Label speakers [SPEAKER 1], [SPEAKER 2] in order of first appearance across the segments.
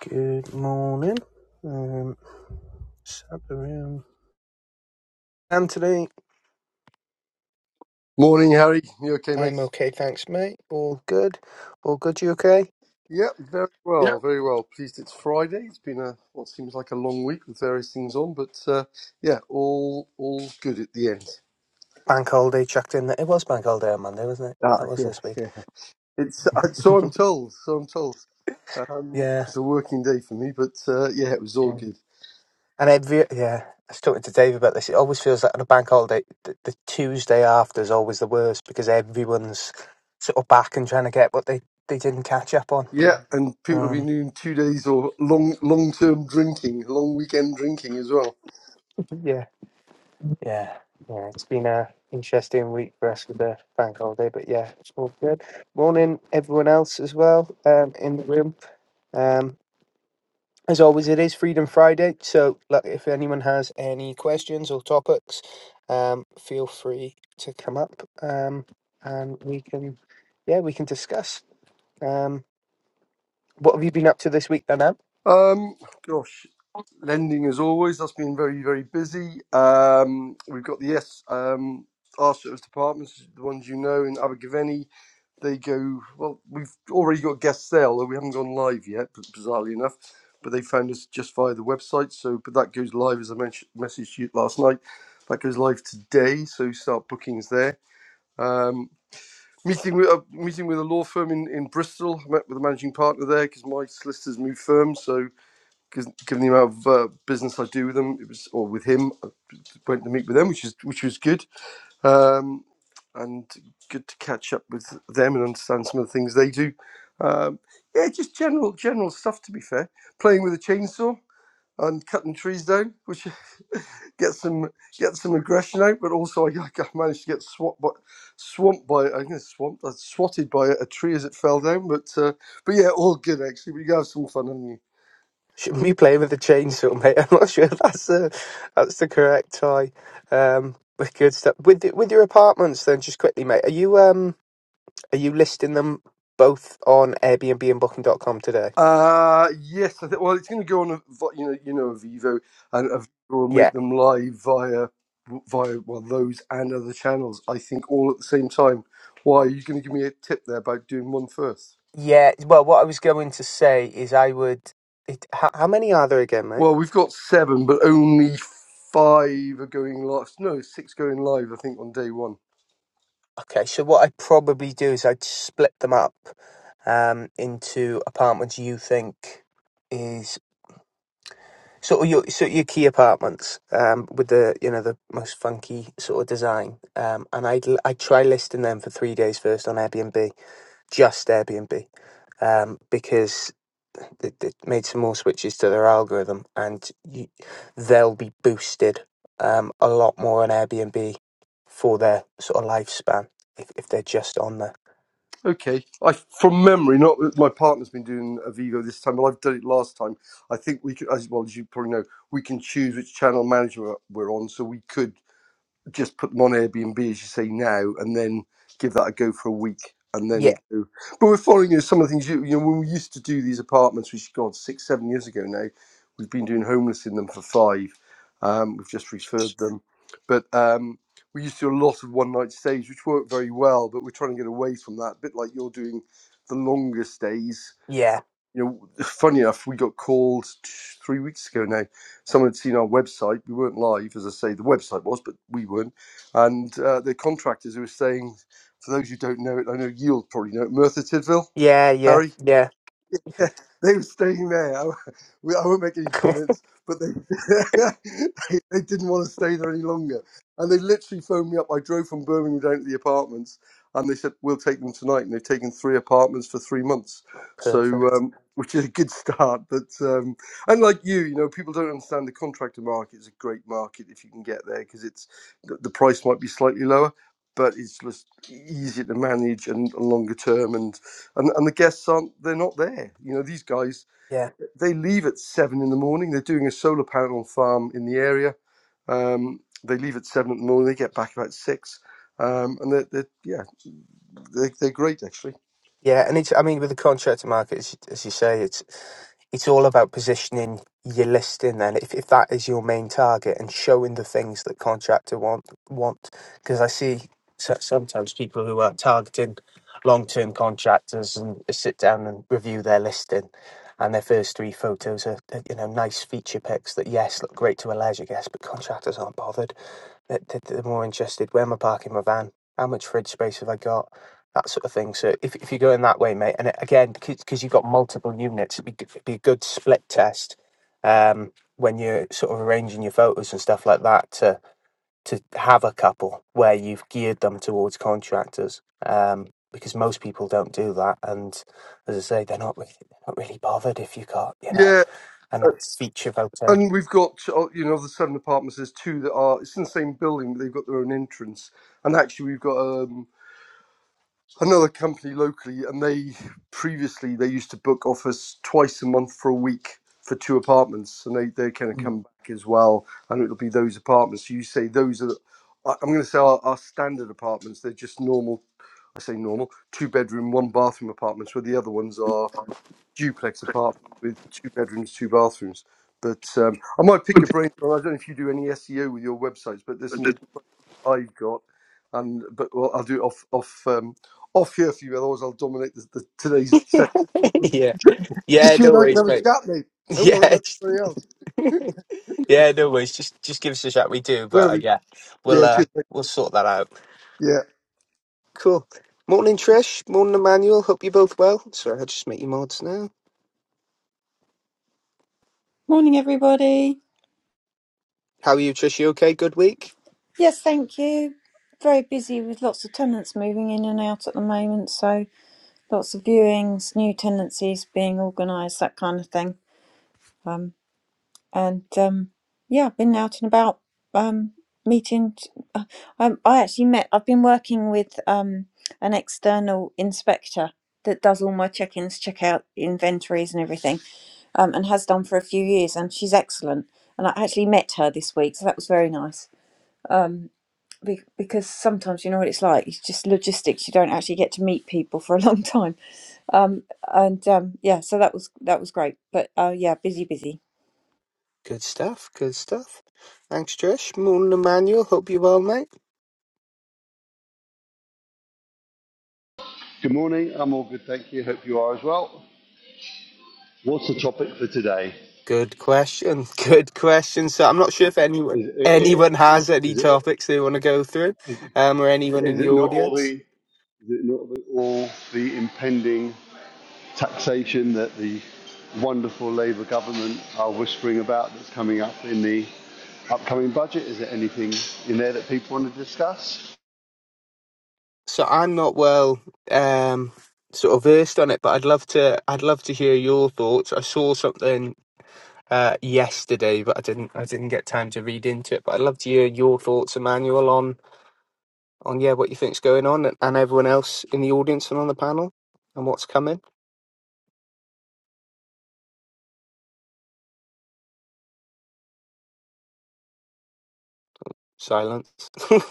[SPEAKER 1] Good morning. Um, set the room. And today,
[SPEAKER 2] Morning, Harry. You okay, mate?
[SPEAKER 1] I'm okay, thanks, mate. All good. All good. You okay?
[SPEAKER 2] Yeah, very
[SPEAKER 1] Yeah.
[SPEAKER 2] well, very well. Pleased it's Friday. It's been a what seems like a long week with various things on, but uh, yeah, all all good at the end.
[SPEAKER 1] Bank holiday checked in. It was bank holiday on Monday, wasn't it?
[SPEAKER 2] Ah,
[SPEAKER 1] That was
[SPEAKER 2] yeah,
[SPEAKER 1] this week.
[SPEAKER 2] yeah. It's uh, so I'm told. So I'm told. Um,
[SPEAKER 1] Yeah.
[SPEAKER 2] it's a working day for me, but uh, yeah, it was all
[SPEAKER 1] Mm.
[SPEAKER 2] good.
[SPEAKER 1] And every yeah, I was talking to Dave about this. It always feels like on a bank holiday, the, the Tuesday after is always the worst because everyone's sort of back and trying to get what they they didn't catch up on.
[SPEAKER 2] Yeah, and people have
[SPEAKER 1] Um.
[SPEAKER 2] been doing two days or long long term drinking, long weekend drinking as well.
[SPEAKER 1] yeah. Yeah, yeah, it's been a interesting week for us with the bank holiday, but yeah, it's all good. Morning, everyone else as well um, in the room. Um, as always, it is Freedom Friday, so like, if anyone has any questions or topics, um, feel free to come up um, and we can, yeah, we can discuss. Um, what have you been up to this week, then,
[SPEAKER 2] Um, gosh, lending as always. That's been very, very busy. Um, we've got the yes, um, our service departments, the ones you know in Abergavenny. They go well. We've already got guest sale, although we haven't gone live yet, b- bizarrely enough. But they found us just via the website. So, but that goes live as I mentioned, messaged you last night. That goes live today. So start bookings there. Um, meeting with uh, meeting with a law firm in, in Bristol. I met with the managing partner there because my solicitors moved firm. So given given the amount of uh, business I do with them, it was or with him. I went to meet with them, which is which was good, um, and good to catch up with them and understand some of the things they do. Um, yeah, just general general stuff. To be fair, playing with a chainsaw and cutting trees down, which gets some gets some aggression out, but also I, I managed to get swamped by swamped by I guess swamped I swatted by a tree as it fell down. But uh, but yeah, all good actually. We have some fun, haven't we?
[SPEAKER 1] Shouldn't be playing with a chainsaw, mate. I'm not sure that's the that's the correct tie. Um, but good stuff. With the, with your apartments, then, just quickly, mate. Are you um are you listing them both on Airbnb and Booking dot com today?
[SPEAKER 2] Uh, yes, I think. Well, it's going to go on, a, vi- you know, you know, Vivo, and Avivo will
[SPEAKER 1] Yeah,
[SPEAKER 2] make them live via, via well, those and other channels. I think all at the same time. Why are you going to give me a tip there about doing one first?
[SPEAKER 1] yeah. Well, what I was going to say is I would. It, how, how many are there again, mate?
[SPEAKER 2] Well, we've got seven, but only five are going live. No, six going live. I think on day one.
[SPEAKER 1] Okay, so what I'd probably do is I'd split them up um into apartments you think is sort of your sort of your key apartments um, with the you know the most funky sort of design. Um, and I'd l- I'd try listing them for three days first on Airbnb, just Airbnb um, because they, they made some more switches to their algorithm and you, they'll be boosted um, a lot more on Airbnb for their sort of lifespan if, if they're just on there.
[SPEAKER 2] Okay, I from memory, not that my partner's been doing Avivo this time, but I've done it last time. I think we could, as well as you probably know, we can choose which channel management we're on, so we could. just put them on Airbnb as you say now, and then give that a go for a week, and then
[SPEAKER 1] Yeah,
[SPEAKER 2] go. But we're following you know, some of the things you you know when we used to do these apartments, which God six seven years ago now, we've been doing homeless in them for five. Um, we've just referred them, but um, we used to do a lot of one night stays, which worked very well. But we're trying to get away from that, a bit like you're doing the longer stays
[SPEAKER 1] yeah,
[SPEAKER 2] you know, funny enough, we got called t- three weeks ago now. Someone had seen our website. We weren't live, as I say, the website was, but we weren't. And uh, the contractors who were saying, for those who don't know it, I know you'll probably know it, Merthyr Tydfil,
[SPEAKER 1] yeah, yeah,
[SPEAKER 2] Harry.
[SPEAKER 1] yeah.
[SPEAKER 2] Yeah, they were staying there. I, we- I won't make any comments, but they, they they didn't want to stay there any longer, and they literally phoned me up. I drove from Birmingham down to the apartments, and they said we'll take them tonight, and they've taken three apartments for three months, so
[SPEAKER 1] Perfect.
[SPEAKER 2] um, which is a good start. But um, and like you, you know, people don't understand the contractor market is a great market if you can get there because it's the the price might be slightly lower, but it's just easier to manage and, and longer term and and and the guests aren't they're not there. You know, these guys
[SPEAKER 1] Yeah.
[SPEAKER 2] they leave at seven in the morning. They're doing a solar panel farm in the area. Um, they leave at seven in the morning. They get back about six, um, and they're, they're yeah they're, they're great actually.
[SPEAKER 1] Yeah, and it's I mean with the contractor market, as you, as you say, it's it's all about positioning your listing. Then, if if that is your main target, and showing the things that contractor want want, because I see so- sometimes people who are targeting long term contractors and sit down and review their listing, and their first three photos are, are you know nice feature pics that yes look great to a leisure guest, but contractors aren't bothered. They're, they're they're more interested. Where am I parking my van? How much fridge space have I got? that sort of thing. So if, if you're going that way, mate, and it, again, because you've got multiple units, it'd be, g- it'd be a good split test um, when you're sort of arranging your photos and stuff like that to to have a couple where you've geared them towards contractors. Um, because most people don't do that, and as I say, they're not really, they're not really bothered if you got you know
[SPEAKER 2] Yeah,
[SPEAKER 1] a nice feature photo.
[SPEAKER 2] and we've got uh, you know the seven apartments. There's two that are it's in the same building, but they've got their own entrance. And actually, we've got um, another company locally, and they previously they used to book offers twice a month for a week for two apartments, and they they kind of come back as well, and it'll be those apartments. So You say those are, I- I'm going to say our, our standard apartments. They're just normal. I say normal two bedroom, one bathroom apartments, where the other ones are duplex apartments with two bedrooms, two bathrooms. But um, I might pick your brain. I don't know if you do any SEO with your websites, but there's some I've got, and but well, I'll do it off off um, off here for you. Otherwise, I'll dominate the, the, today's session.
[SPEAKER 1] yeah, yeah, yeah.
[SPEAKER 2] Just you
[SPEAKER 1] no
[SPEAKER 2] and I can
[SPEAKER 1] worries,
[SPEAKER 2] have a
[SPEAKER 1] mate.
[SPEAKER 2] chat, mate. Don't worry
[SPEAKER 1] Yeah,
[SPEAKER 2] about
[SPEAKER 1] just-
[SPEAKER 2] anybody else.
[SPEAKER 1] yeah, no worries. Just just give us a shout. We do, but uh,
[SPEAKER 2] Really?
[SPEAKER 1] yeah, we'll
[SPEAKER 2] Yeah,
[SPEAKER 1] uh,
[SPEAKER 2] cheers.
[SPEAKER 1] we'll sort that out.
[SPEAKER 2] yeah.
[SPEAKER 1] Cool. Morning, Trish. Morning, Emmanuel. Hope you're both well. Sorry, I just make you mods now.
[SPEAKER 3] Morning, everybody.
[SPEAKER 1] How are you, Trish? You okay? Good week?
[SPEAKER 3] Yes, thank you. Very busy with lots of tenants moving in and out at the moment, so lots of viewings, new tenancies being organised, that kind of thing. Um, and um, yeah, I've been out and about um, meeting. t- Uh, I, I actually met. I've been working with um, an external inspector that does all my check-ins, check-out inventories, and everything, um, and has done for a few years. And she's excellent. And I actually met her this week, so that was very nice. be- because sometimes you know what it's like. It's just logistics. You don't actually get to meet people for a long time. Um, and um, yeah, so that was that was great. But uh, yeah, busy, busy.
[SPEAKER 1] Good stuff. Good stuff. Thanks, Trish. Morning, Emmanuel. Hope you're well, mate.
[SPEAKER 4] Good morning. I'm all good, thank you. Hope you are as well. What's the topic for today?
[SPEAKER 1] Good question. Good question. So I'm not sure if anyone
[SPEAKER 4] Is
[SPEAKER 1] anyone
[SPEAKER 4] it,
[SPEAKER 1] has any
[SPEAKER 4] is it,
[SPEAKER 1] topics they want to go through, um, or anyone in
[SPEAKER 4] is
[SPEAKER 1] the
[SPEAKER 4] it not all
[SPEAKER 1] audience.
[SPEAKER 4] the is it not the, all the impending taxation that the wonderful Labour government are whispering about that's coming up in the upcoming budget? Is there anything in there that people want to discuss?
[SPEAKER 1] So I'm not well um sort of versed on it, but I'd love to I'd love to hear your thoughts. I saw something uh, yesterday, but I didn't I didn't get time to read into it. But I'd love to hear your thoughts, Emmanuel, on on yeah what you think's going on, and, and everyone else in the audience and on the panel, and what's coming. Silence.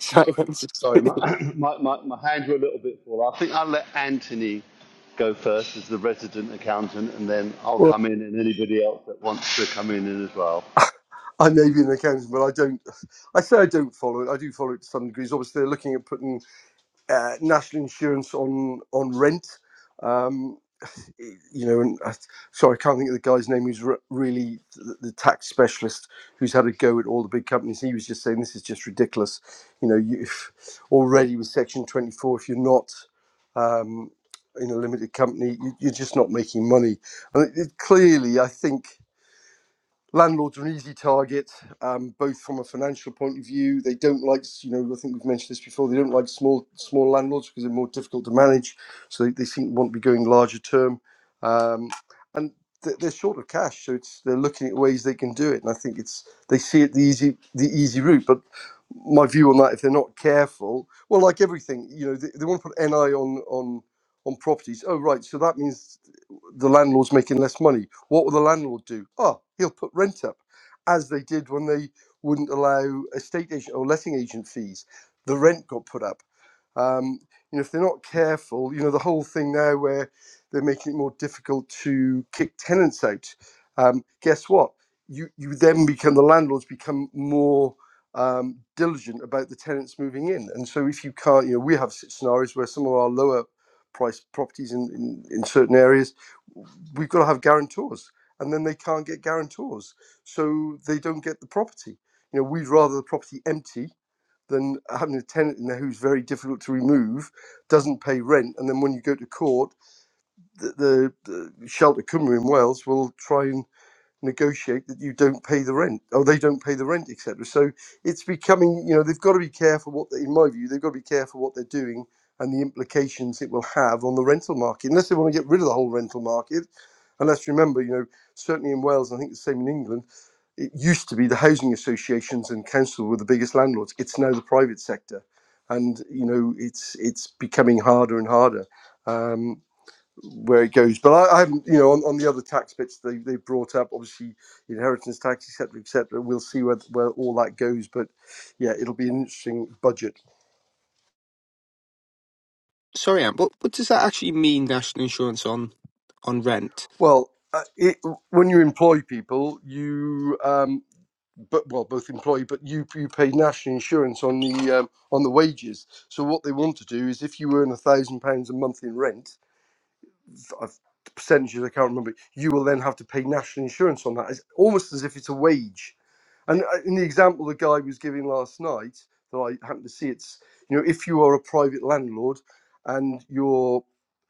[SPEAKER 1] Silence.
[SPEAKER 4] Sorry, my, my, my, my hands were a little bit full. I think I'll let Anthony go first as the resident accountant, and then I'll
[SPEAKER 2] Well,
[SPEAKER 4] come in and anybody else that wants to come in in as well.
[SPEAKER 2] I may be an accountant, but I don't. I say I don't follow it. I do follow it to some degrees. Obviously, they're looking at putting uh, national insurance on on rent. Um, you know, and I, sorry, I can't think of the guy's name who's re- really the, the tax specialist who's had a go at all the big companies. He was just saying this is just ridiculous. You know, you, if already with Section 24, if you're not um, in a limited company, you, you're just not making money. And it, it clearly, I think landlords are an easy target, um, both from a financial point of view. They don't like, you know, I think we've mentioned this before. They don't like small small landlords because they're more difficult to manage. So they, they seem to want to be going larger term, um, and th- they're short of cash, so it's they're looking at ways they can do it. And I think it's they see it the easy the easy route, but. My view on that, if they're not careful, well, like everything, you know, they, they want to put NI on on on properties. Oh, right, so that means the landlord's making less money. What will the landlord do? Oh, he'll put rent up, as they did when they wouldn't allow estate agent or letting agent fees. The rent got put up. Um, you know, if they're not careful, you know, the whole thing now where they're making it more difficult to kick tenants out. Um, guess what? You you then become the landlords become more um, diligent about the tenants moving in, and so if you can't, you know, we have s- scenarios where some of our lower price properties in, in, in certain areas we've got to have guarantors and then they can't get guarantors so they don't get the property you know we'd rather the property empty than having a tenant in there who's very difficult to remove doesn't pay rent and then when you go to court the, the, the shelter cymru in wales will try and negotiate that you don't pay the rent or they don't pay the rent, etc. So it's becoming, you know, they've got to be careful what, they, in my view, they've got to be careful what they're doing and the implications it will have on the rental market. Unless they want to get rid of the whole rental market, and let's remember, you know, certainly in Wales, and I think the same in England, it used to be the housing associations and council were the biggest landlords. It's now the private sector, and you know, it's it's becoming harder and harder. Um, where it goes. But I, I haven't, you know, on, on the other tax bits they they brought up, obviously inheritance tax, etc., cetera, etc. We'll see where where all that goes. But yeah, it'll be an interesting budget.
[SPEAKER 1] Sorry, Anne. What what does that actually mean? National insurance on on rent.
[SPEAKER 2] Well, uh, it, when you employ people, you um, but well, both employ, but you you pay national insurance on the um, on the wages. So what they want to do is, if you earn a thousand pounds a month in rent, I've, percentages I can't remember, you will then have to pay national insurance on that. It's almost as if it's a wage And uh, in the example the guy was giving last night, that I happened to see, it's you know if you are a private landlord and you're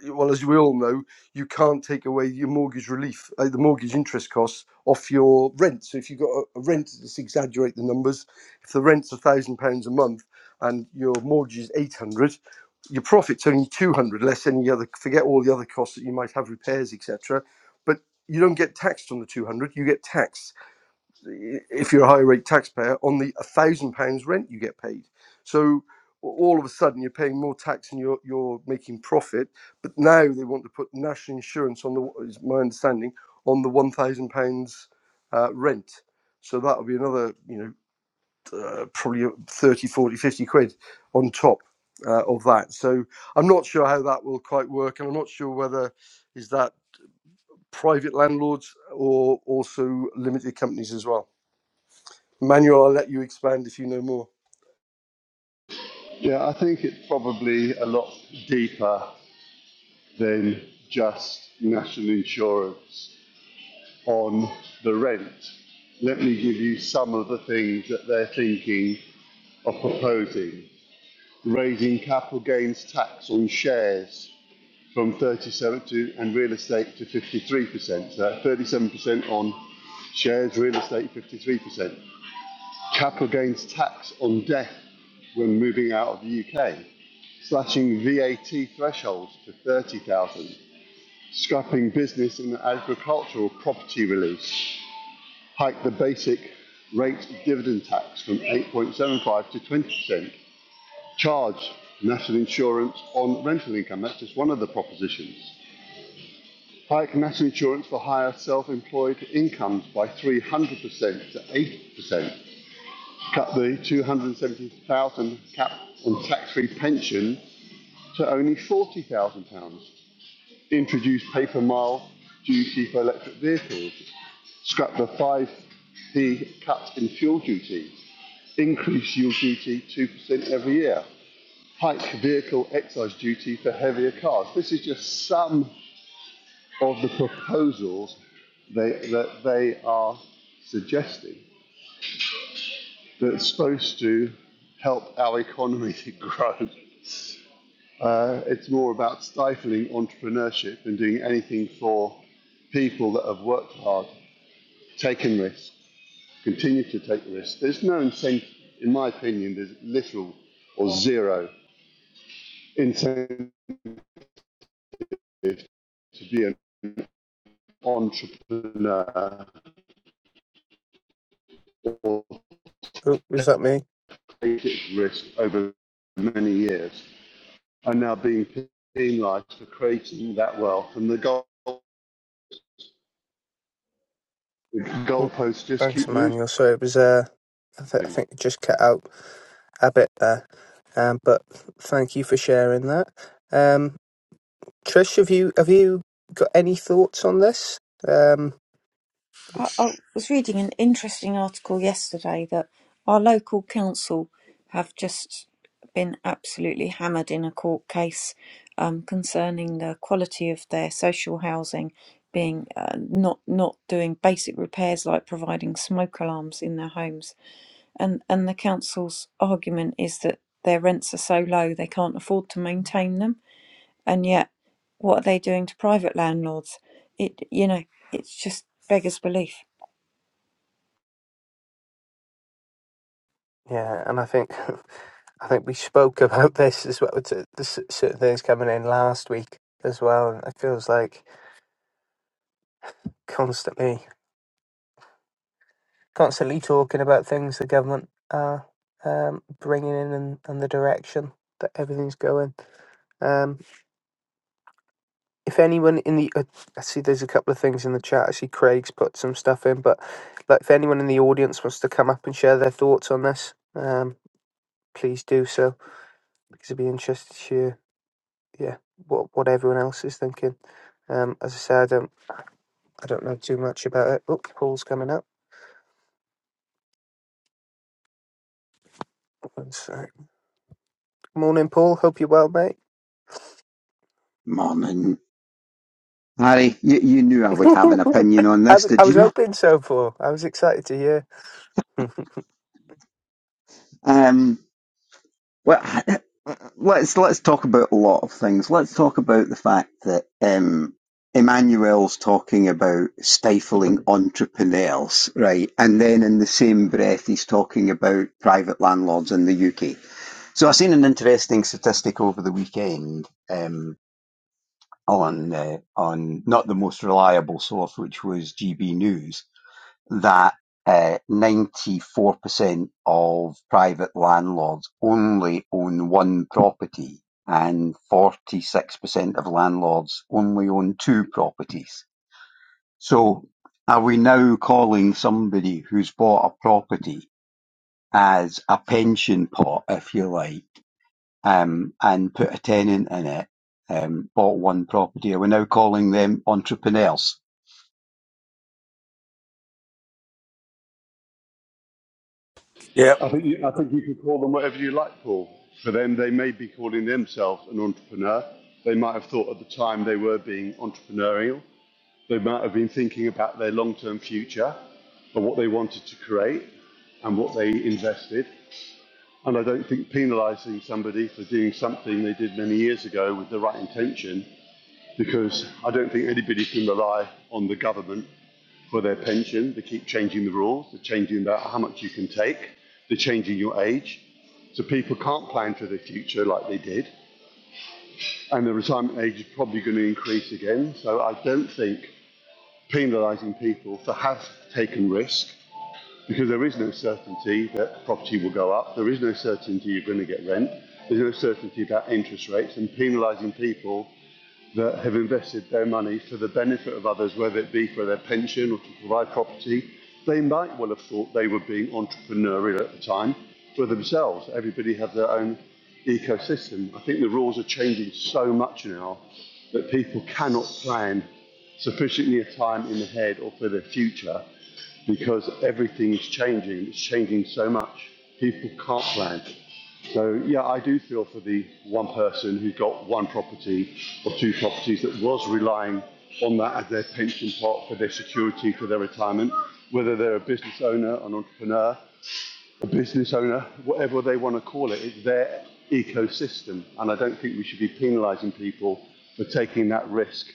[SPEAKER 2] well as we all know, you can't take away your mortgage relief, uh, the mortgage interest costs off your rent. So if you've got a, a rent, just exaggerate the numbers. If the rent's a thousand pounds a month and your mortgage is eight hundred, your profit's only two hundred, less any other. Forget all the other costs that you might have, repairs, etc. But you don't get taxed on the two hundred; you get taxed if you're a high rate taxpayer, on the one thousand pounds rent you get paid. So all of a sudden you're paying more tax and you're you're making profit. But now they want to put national insurance on the is my understanding on the one thousand pounds uh, rent. So that'll be another you know uh, probably 30 40 50 quid on top. Uh, of that, so I'm not sure how that will quite work, and I'm not sure whether is that private landlords or also limited companies as well. Manuel, I'll let you expand if you know more.
[SPEAKER 4] Yeah, I think it's probably a lot deeper than just national insurance on the rent. Let me give you some of the things that they're thinking of proposing. Raising capital gains tax on shares from 37 to and real estate to 53%. So that 37% on shares, real estate 53%. Capital gains tax on death when moving out of the UK, slashing VAT thresholds to 30,000, scrapping business and agricultural property release, hike the basic rate dividend tax from 8.75 to 20%, charge national insurance on rental income. That's just one of the propositions. Hike national insurance for higher self-employed incomes by 300% to 80%. Cut the 270,000 cap on tax-free pension to only 40,000 pounds. Introduce paper mile duty for electric vehicles. Scrap the 5p cut in fuel duty. Increase fuel duty 2% every year. Hike vehicle excise duty for heavier cars. This is just some of the proposals they, that they are suggesting that's supposed to help our economy to grow. Uh, it's more about stifling entrepreneurship and doing anything for people that have worked hard, taken risks, continue to take risks. There's no incentive, in my opinion, there's little or zero incentive to be an entrepreneur or
[SPEAKER 1] Oh, was that me?
[SPEAKER 4] created risk over many years are now being penalized for creating that wealth, and the goal the
[SPEAKER 1] Oh,
[SPEAKER 4] goalposts just
[SPEAKER 1] thanks,
[SPEAKER 4] keep moving.
[SPEAKER 1] Emmanuel. Sorry, it was uh. I, th- I think
[SPEAKER 4] I
[SPEAKER 1] it just cut out a bit there, um, but thank you for sharing that. Um. Trish, have you have you got any thoughts on this? Um,
[SPEAKER 3] I, I was reading an interesting article yesterday that our local council have just been absolutely hammered in a court case um, concerning the quality of their social housing being uh, not not doing basic repairs like providing smoke alarms in their homes And and the council's argument is that their rents are so low they can't afford to maintain them. And yet, what are they doing to private landlords? It you know, it's just beggars belief.
[SPEAKER 1] yeah, and I think I think we spoke about this as well. To, the s- certain things coming in last week as well, and it feels like constantly constantly talking about things the government are um, bringing in and, and the direction that everything's going. Um, if anyone in the uh, I see there's a couple of things in the chat. I see Craig's put some stuff in, but like if anyone in the audience wants to come up and share their thoughts on this, um, please do so because I'd be interested to hear, yeah, what what everyone else is thinking. Um, as I said, I don't, I don't know too much about it. Look, Paul's coming up. One sec. Morning, Paul. Hope you're well, mate.
[SPEAKER 5] Morning, Harry. You, you knew I would have an opinion on
[SPEAKER 1] I
[SPEAKER 5] this,
[SPEAKER 1] was I
[SPEAKER 5] did you
[SPEAKER 1] was
[SPEAKER 5] not?
[SPEAKER 1] hoping so, Paul. I was excited to hear.
[SPEAKER 5] Um, well, let's let's talk about a lot of things. Let's talk about the fact that um, Emmanuel's talking about stifling entrepreneurs, right? And then in the same breath, he's talking about private landlords in the UK. So I seen an interesting statistic over the weekend. Um, on uh, on not the most reliable source, which was GB News, that uh, 94% of private landlords only own one property and 46% of landlords only own two properties. So are we now calling somebody who's bought a property as a pension pot, if you like, um, and put a tenant in it, um, bought one property, are we now calling them entrepreneurs?
[SPEAKER 2] Yeah.
[SPEAKER 4] think you, I think you can call them whatever you like, Paul. For them, they may be calling themselves an entrepreneur. They might have thought at the time they were being entrepreneurial. They might have been thinking about their long-term future or what they wanted to create and what they invested. And I don't think penalising somebody for doing something they did many years ago with the right intention because I don't think anybody can rely on the government for their pension. They keep changing the rules, they're changing about how much you can take, they're changing your age. So people can't plan for the future like they did. And the retirement age is probably going to increase again. So I don't think penalising people for have taken risk because there is no certainty that property will go up. There is no certainty you're going to get rent. There's no certainty about interest rates. And penalising people that have invested their money for the benefit of others, whether it be for their pension or to provide property, they might well have thought they were being entrepreneurial at the time for themselves. Everybody has their own ecosystem. I think the rules are changing so much now that people cannot plan sufficiently a time in the head or for their future because everything is changing. It's changing so much. People can't plan. So yeah, I do feel for the one person who got one property or two properties that was relying on that as their pension pot for their security for their retirement, whether they're a business owner, an entrepreneur, a business owner, whatever they want to call it, it's their ecosystem. And I don't think we should be penalising people for taking that risk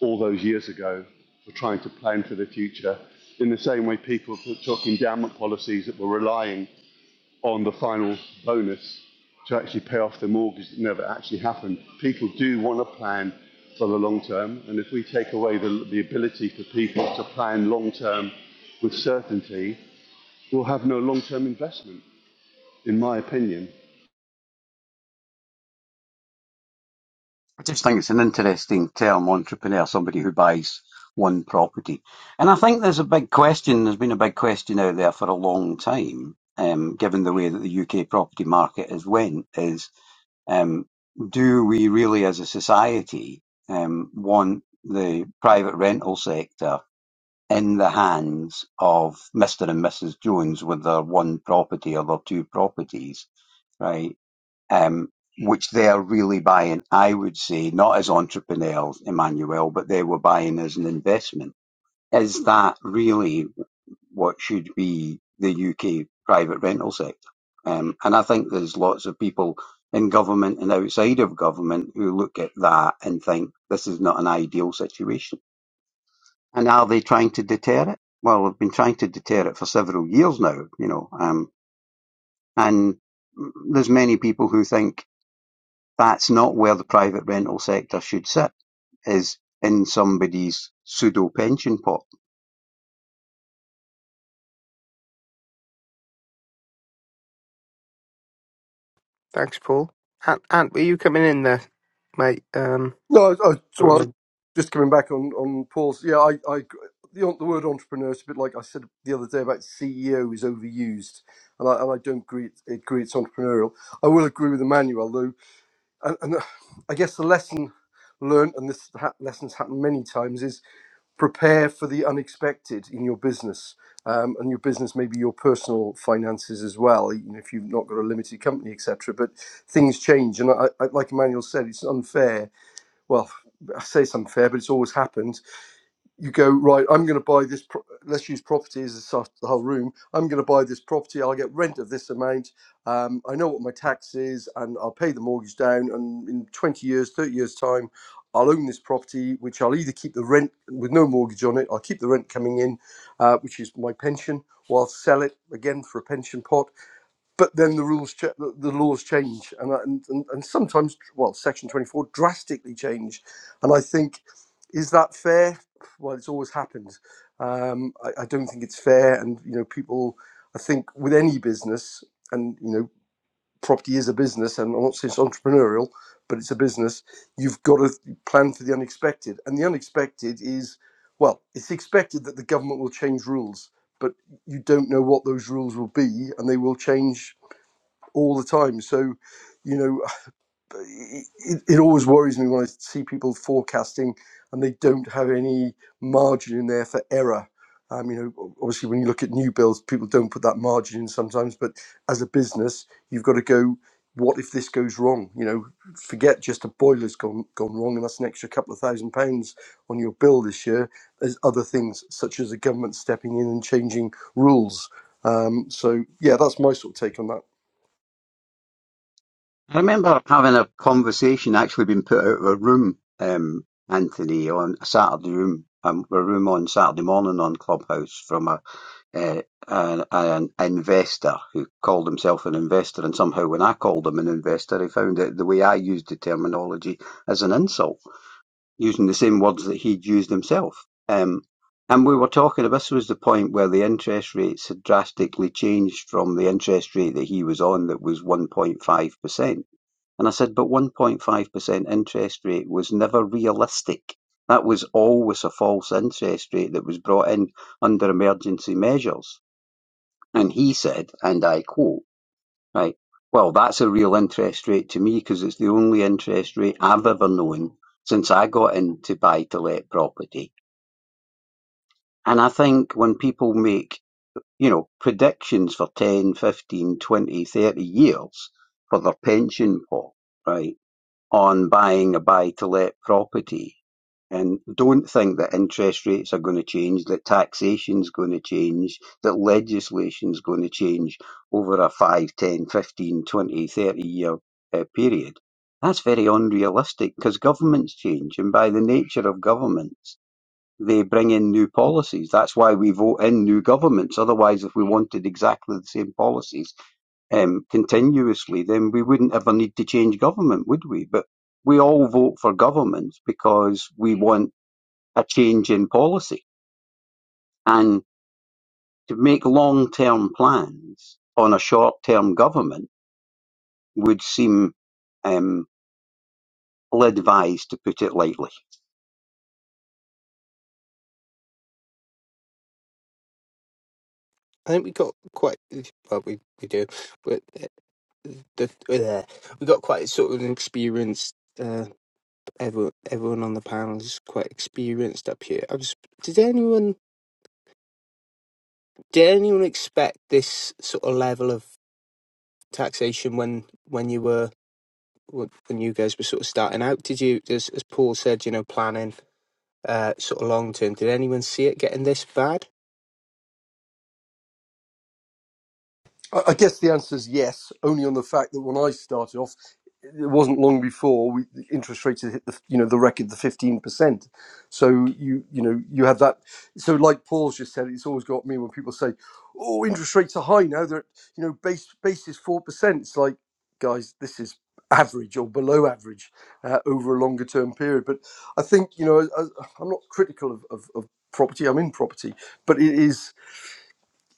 [SPEAKER 4] all those years ago for trying to plan for the future. In the same way, people took endowment policies that were relying on the final bonus to actually pay off the mortgage that never actually happened. People do want to plan for the long term, and if we take away the, the ability for people to plan long term with certainty, we'll have no long term investment in my opinion.
[SPEAKER 5] I just think it's an interesting term, entrepreneur, somebody who buys one property. And I think there's a big question, there's been a big question out there for a long time, um, given the way that the UK property market has went, is um, do we really as a society um, want the private rental sector in the hands of Mr and Mrs Jones with their one property or their two properties? right? um, which they're really buying, I would say, not as entrepreneurs, Emmanuel, but they were buying as an investment. Is that really what should be the UK private rental sector? Um, and I think there's lots of people in government and outside of government who look at that and think this is not an ideal situation. And are they trying to deter it? Well, they've been trying to deter it for several years now, you know, um, and there's many people who think That's not where the private rental sector should sit, is in somebody's pseudo pension pot.
[SPEAKER 1] Thanks, Paul. Ant, Ant, were you coming in there, mate? Um,
[SPEAKER 2] No, I, I,
[SPEAKER 1] what am
[SPEAKER 2] well,
[SPEAKER 1] I
[SPEAKER 2] just coming back on, on Paul's. Yeah, I, I the, the word entrepreneur is a bit like I said the other day about CEO is overused, and I, and I don't agree, agree it's entrepreneurial. I will agree with Emmanuel, though, and, and uh, I guess the lesson learned, and this ha- lesson's happened many times, is prepare for the unexpected in your business um, and your business maybe your personal finances as well you know, if you've not got a limited company etc but things change and I, I, like emmanuel said it's unfair well, I say something fair, but it's always happened. You go right. I'm going to buy this. Pro- let's use property as the whole room. I'm going to buy this property. I'll get rent of this amount. Um, I know what my tax is, and I'll pay the mortgage down. And in 20 years, 30 years time, I'll own this property, which I'll either keep the rent with no mortgage on it. I'll keep the rent coming in, uh, which is my pension, or I'll sell it again for a pension pot but then the rules, ch- the the laws change, and, I- and and and sometimes, well, Section Twenty Four drastically change, and I think is that fair? Well, it's always happened. Um, I, I don't think it's fair, and you know, people. I think with any business, and you know, property is a business, and I'm not saying it's entrepreneurial, but it's a business. You've got to plan for the unexpected, and the unexpected is, well, it's expected that the government will change rules, but you don't know what those rules will be, and they will change all the time. So, you know, it, it always worries me when I see people forecasting and they don't have any margin in there for error. Um, you know, obviously, when you look at new builds, people don't put that margin in sometimes. But as a business, you've got to go. What if this goes wrong? You know, forget just a boiler's gone gone wrong, and that's an extra couple of thousand pounds on your bill this year. There's other things such as the government stepping in and changing rules. Um, so yeah, that's my sort of take on that.
[SPEAKER 5] I remember having a conversation, actually being put out of a room, um, Anthony, on a Saturday room, um, a room on Saturday morning on Clubhouse from a, uh, an, an investor who called himself an investor, and somehow when I called him an investor, he found that the way I used the terminology as an insult. using the same words that he'd used himself. Um, and we were talking, this was the point where the interest rates had drastically changed from the interest rate that he was on that was 1.5%. And I said, but 1.5% interest rate was never realistic. That was always a false interest rate that was brought in under emergency measures. And he said, and I quote, Right. Well, that's a real interest rate to me because it's the only interest rate I've ever known since I got into buy to let property. And I think when people make, you know, predictions for 10, 15, 20, 30 years for their pension pot, right? on buying a buy-to-let property. And don't think that interest rates are going to change, that taxation's going to change, that legislation's going to change over a five, ten, fifteen, twenty, thirty year uh, period. That's very unrealistic because governments change, and by the nature of governments, they bring in new policies. That's why we vote in new governments. Otherwise, if we wanted exactly the same policies um, continuously, then we wouldn't ever need to change government, would we? But we all vote for governments because we want a change in policy. And to make long term plans on a short term government would seem um, ill advised, to put it lightly.
[SPEAKER 1] I think we got quite well. We we do, but uh, the, the, uh, we got quite sort of an experienced. uh, everyone, everyone on the panel is quite experienced up here. I was, did anyone did anyone expect this sort of level of taxation when when you were when when you guys were sort of starting out? Did you, as, as Paul said, you know, planning uh, sort of long term? Did anyone see it getting this bad?
[SPEAKER 2] I I guess the answer is yes, only on the fact that when I started off, it wasn't long before we, the interest rates had hit the you know the record the fifteen percent. So you you know you have that. So like Paul's just said, it's always got me when people say, "Oh, interest rates are high now. They're at, you know base base is four percent." It's like, guys, this is average or below average uh, over a longer term period. But I think you know I, I- am not critical of, of, of property. I'm in property, but it is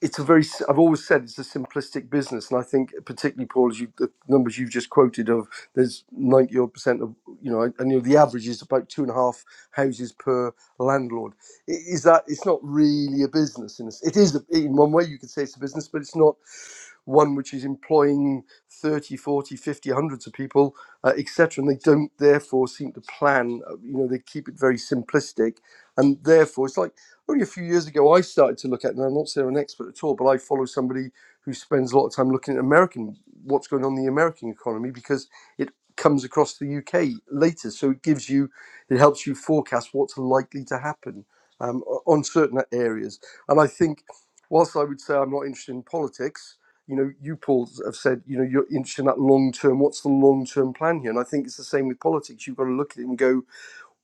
[SPEAKER 2] it's a very s- i've always said it's a simplistic business and i think particularly paul as you the numbers you've just quoted of there's 90 odd percent of you know and you know the average is about two and a half houses per landlord I- is that it's not really a business in a s it is a, in one way you could say it's a business but it's not one which is employing thirty, forty, fifty, hundreds of people uh, etc and they don't therefore seem to plan uh, you know they keep it very simplistic and therefore it's like only a few years ago I started to look at, and I'm not saying I'm an expert at all, but I follow somebody who spends a lot of time looking at American, what's going on in the American economy, because it comes across the UK later. So it gives you, it helps you forecast what's likely to happen um, on certain areas. And I think, whilst I would say I'm not interested in politics, you know, you, Paul, have said, you know, you're interested in that long term. What's the long term plan here? And I think it's the same with politics. You've got to look at it and go,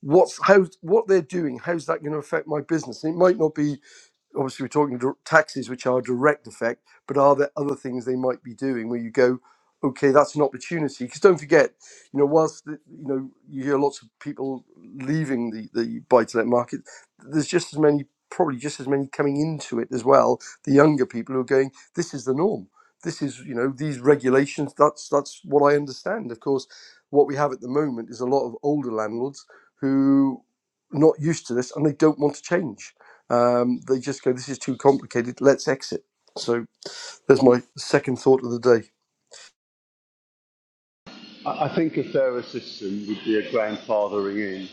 [SPEAKER 2] what's how what they're doing how's that going to affect my business and it might not be obviously we're talking dir- taxes which are a direct effect but are there other things they might be doing where you go okay that's an opportunity because don't forget you know whilst the, you know you hear lots of people leaving the the buy to let market there's just as many probably just as many coming into it as well the younger people who are going this is the norm this is you know these regulations that's that's what i understand of course what we have at the moment is a lot of older landlords who not used to this and they don't want to change um, they just go, "This is too complicated. Let's exit." So there's my second thought of the day.
[SPEAKER 4] I think a fairer system would be a grandfathering in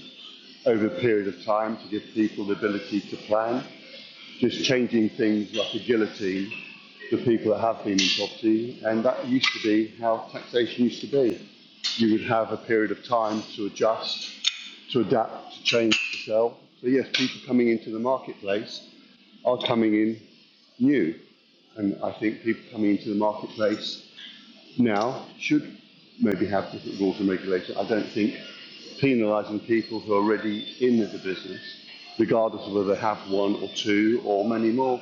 [SPEAKER 4] over a period of time to give people the ability to plan. Just changing things like a guillotine for people that have been in property, and that used to be how taxation used to be. You would have a period of time to adjust, to adapt, to change, to sell. So yes, people coming into the marketplace are coming in new, and I think people coming into the marketplace now should maybe have different rules and regulations. I don't think penalising people who are already in the business, regardless of whether they have one or two or many more,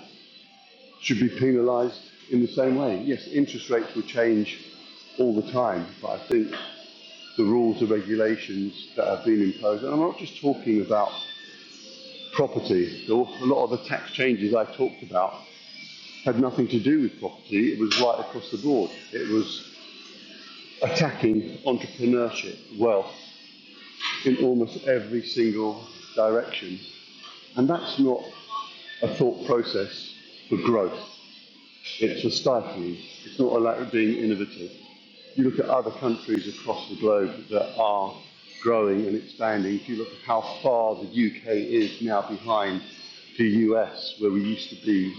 [SPEAKER 4] should be penalised in the same way. Yes, interest rates will change all the time, but I think the rules and regulations that have been imposed, and I'm not just talking about property. A lot of the tax changes I talked about had nothing to do with property. It was right across the board. It was attacking entrepreneurship, wealth in almost every single direction. And that's not a thought process for growth. It's for stifling. It's not about being innovative. You look at other countries across the globe that are growing and expanding. If you look at how far the UK is now behind the US, where we used to be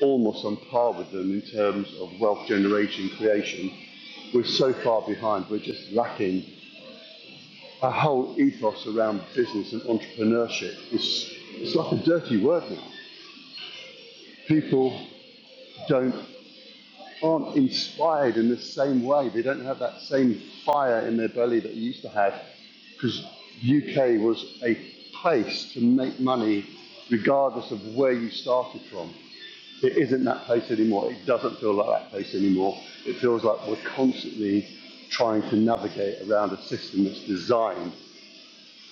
[SPEAKER 4] almost on par with them in terms of wealth generation creation, we're so far behind. We're just lacking our whole ethos around business and entrepreneurship is it's like a dirty word now. People don't aren't inspired in the same way. They don't have that same fire in their belly that they used to have because UK was a place to make money regardless of where you started from. It isn't that place anymore. It doesn't feel like that place anymore. It feels like we're constantly trying to navigate around a system that's designed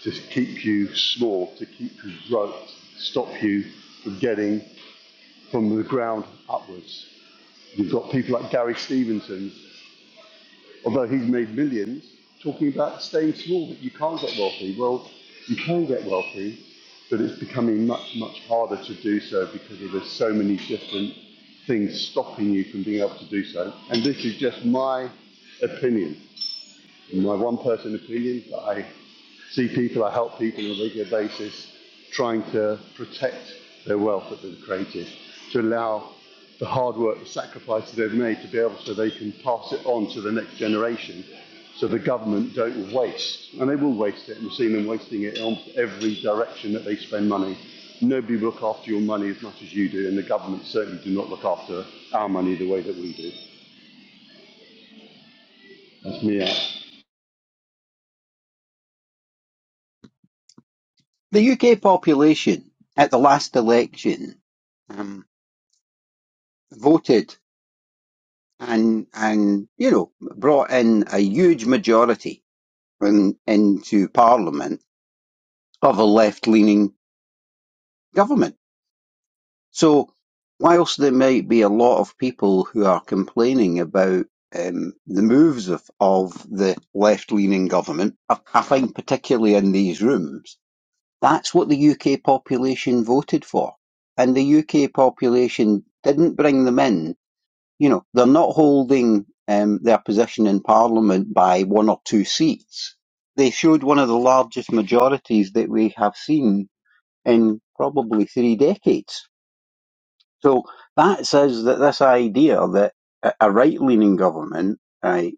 [SPEAKER 4] to keep you small, to keep you broke, stop you from getting from the ground upwards. You've got people like Gary Stevenson, although he's made millions, talking about staying small, that you can't get wealthy. Well, you can get wealthy, but it's becoming much, much harder to do so because there's so many different things stopping you from being able to do so. And this is just my opinion. In My one person opinion that I see people, I help people on a regular basis trying to protect their wealth that they've created, to allow the hard work, the sacrifices they've made to be able so they can pass it on to the next generation so the government don't waste. And they will waste it, and we've seen them wasting it in almost every direction that they spend money. Nobody will look after your money as much as you do, and the government certainly do not look after our money the way that we do. That's me out.
[SPEAKER 5] The UK population at the last election um, voted and and you know brought in a huge majority in, into Parliament of a left-leaning government. So whilst there might be a lot of people who are complaining about um, the moves of, of the left-leaning government, I, I find particularly in these rooms, that's what the UK population voted for, and the UK population didn't bring them in You know, they're not holding um, their position in Parliament by one or two seats. They showed one of the largest majorities that we have seen in probably three decades. So that says that this idea that a a right-leaning government, right,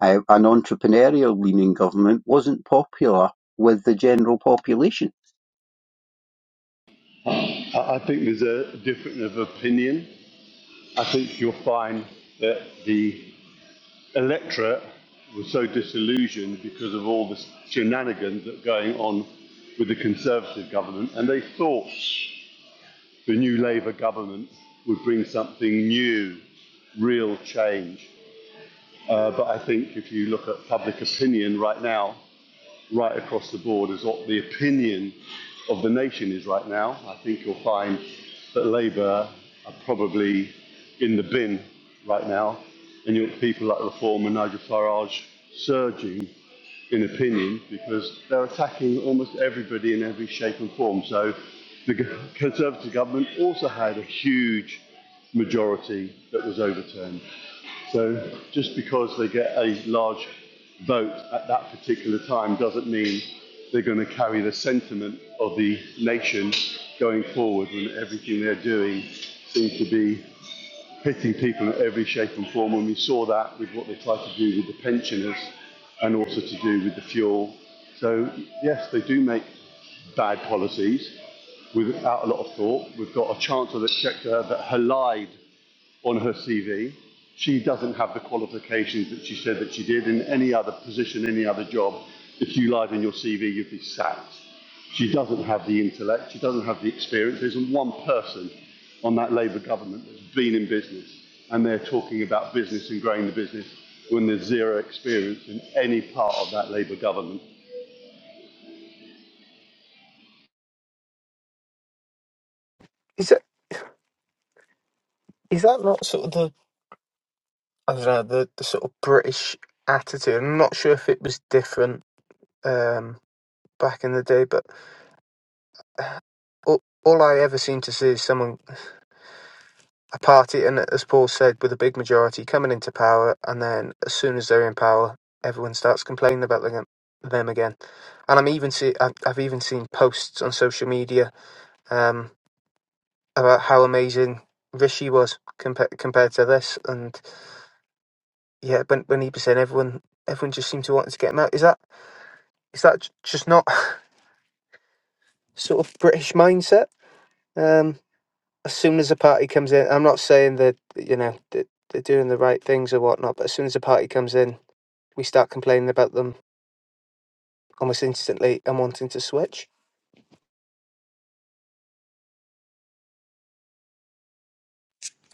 [SPEAKER 5] a- an entrepreneurial-leaning government, wasn't popular with the general population.
[SPEAKER 4] I think there's a difference of opinion. I think you'll find that the electorate was so disillusioned because of all the shenanigans that are going on with the Conservative government, and they thought the new Labour government would bring something new, real change. Uh, but I think if you look at public opinion right now, right across the board is what the opinion of the nation is right now. I think you'll find that Labour are probably in the bin right now, and you'll have people like Reform and Nigel Farage surging in opinion, because they're attacking almost everybody in every shape and form. So the Conservative government also had a huge majority that was overturned. So just because they get a large vote at that particular time doesn't mean they're going to carry the sentiment of the nation going forward when everything they're doing seems to be hitting people in every shape and form. And we saw that with what they tried to do with the pensioners and also to do with the fuel. So, yes, they do make bad policies without a lot of thought. We've got a Chancellor of the Exchequer that allied on her CV. She doesn't have the qualifications that she said that she did in any other position, any other job. If you lied on your CV, you'd be sacked. She doesn't have the intellect. She doesn't have the experience. There isn't one person on that Labour government that's been in business, and they're talking about business and growing the business when there's zero experience in any part of that Labour government.
[SPEAKER 1] Is that is that not sort of the I don't know the, the sort of British attitude? I'm not sure if it was different um, back in the day, but uh, all, all I ever seem to see is someone A party and, as Paul said, with a big majority coming into power, and then as soon as they're in power, everyone starts complaining about them, them again. And I'm even see, I've, I've even seen posts on social media um, about how amazing Rishi was compa- compared to this. And yeah, when, when he was saying everyone, everyone just seemed to want to get him out. Is that is that j- just not sort of British mindset? Um, as soon as a party comes in, I'm not saying that you know that they're doing the right things or whatnot, but as soon as a party comes in we start complaining about them almost instantly and wanting to switch.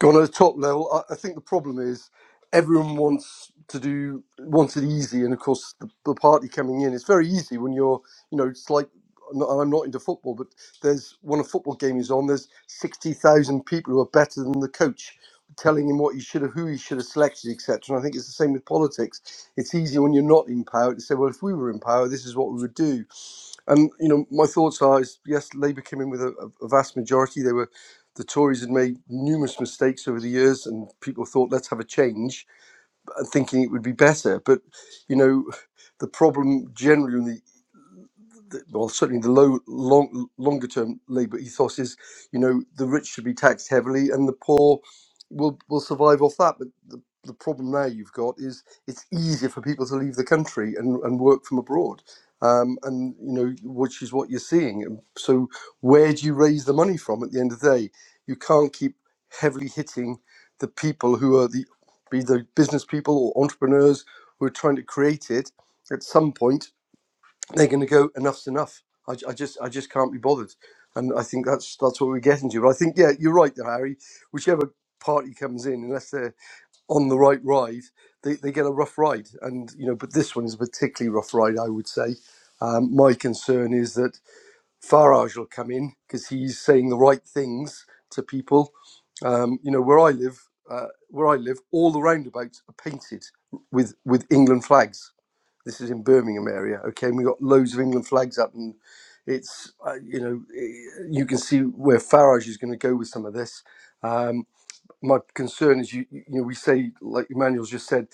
[SPEAKER 2] Going to the top level, I, I think the problem is everyone wants to do wants it easy, and of course the, the party coming in, it's very easy when you're, you know, it's like. I'm not I'm not into football, but there's when a football game is on, there's sixty thousand people who are better than the coach, telling him what he should have, who he should have selected, etc. And I think it's the same with politics. It's easier when you're not in power to say, well, if we were in power, this is what we would do And you know, my thoughts are: is yes, Labour came in with a, a vast majority. They were the Tories had made numerous mistakes over the years, and people thought, let's have a change, and thinking it would be better. But you know, the problem generally in the the, well, certainly the low, long, longer term Labour ethos is, you know, the rich should be taxed heavily and the poor will will survive off that. But the, the problem now you've got is it's easier for people to leave the country and, and work from abroad. Um, and you know, which is what you're seeing. And So, where do you raise the money from at the end of the day? You can't keep heavily hitting the people who are the be the business people or entrepreneurs who are trying to create it. At some point, they're going to go enough's enough. I I just I just can't be bothered, and I think that's that's what we're getting to. But I think yeah, you're right, there, Harry. Whichever party comes in, unless they're on the right ride, they, they get a rough ride, and you know. But this one is a particularly rough ride, I would say. Um, my concern is that Farage will come in because he's saying the right things to people. Um, you know, where I live, uh, where I live, all the roundabouts are painted with with England flags this is in Birmingham area. Okay, and we got loads of England flags up, and it's uh, you know eh, you can see where Farage is going to go with some of this. Um, my concern is you you know we say like Emmanuel's just said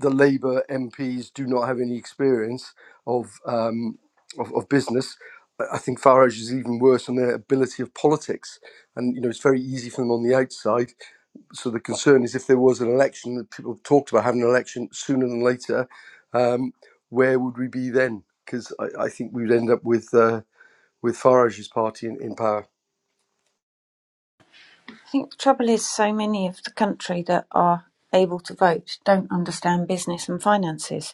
[SPEAKER 2] the Labour MPs do not have any experience of um, of, of business. I I think Farage is even worse on their ability of politics, and you know it's very easy for them on the outside so the concern is if there was an election that people have talked about having an election sooner than later, um, where would we be then? Because I, I think we'd end up with uh, with Farage's party in, in power.
[SPEAKER 3] I think the trouble is so many of the country that are able to vote don't understand business and finances,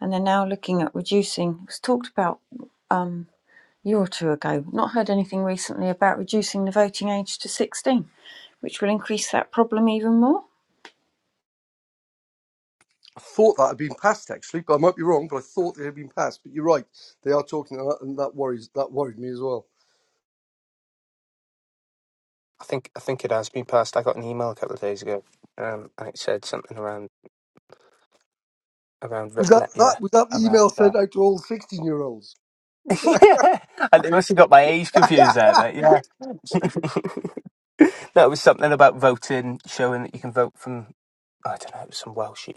[SPEAKER 3] and they're now looking at reducing. It was talked about um, a year or two ago. Not heard anything recently about reducing the voting age to sixteen, which will increase that problem even more.
[SPEAKER 2] I thought that had been passed actually, but I might be wrong. But I thought it had been passed. But you're right; they are talking, about it, and that worries that worried me as well.
[SPEAKER 1] I think I think it has been passed. I got an email a couple of days ago, um, and it said something around around re-
[SPEAKER 2] Was that
[SPEAKER 1] le-
[SPEAKER 2] that
[SPEAKER 1] yeah
[SPEAKER 2] was that the
[SPEAKER 1] around
[SPEAKER 2] email
[SPEAKER 1] that.
[SPEAKER 2] sent out to all sixteen year olds?
[SPEAKER 1] Yeah, I they must have got my A's confused there, but yeah. no, it was something about voting, showing that you can vote from. I don't know. It was some Welsh.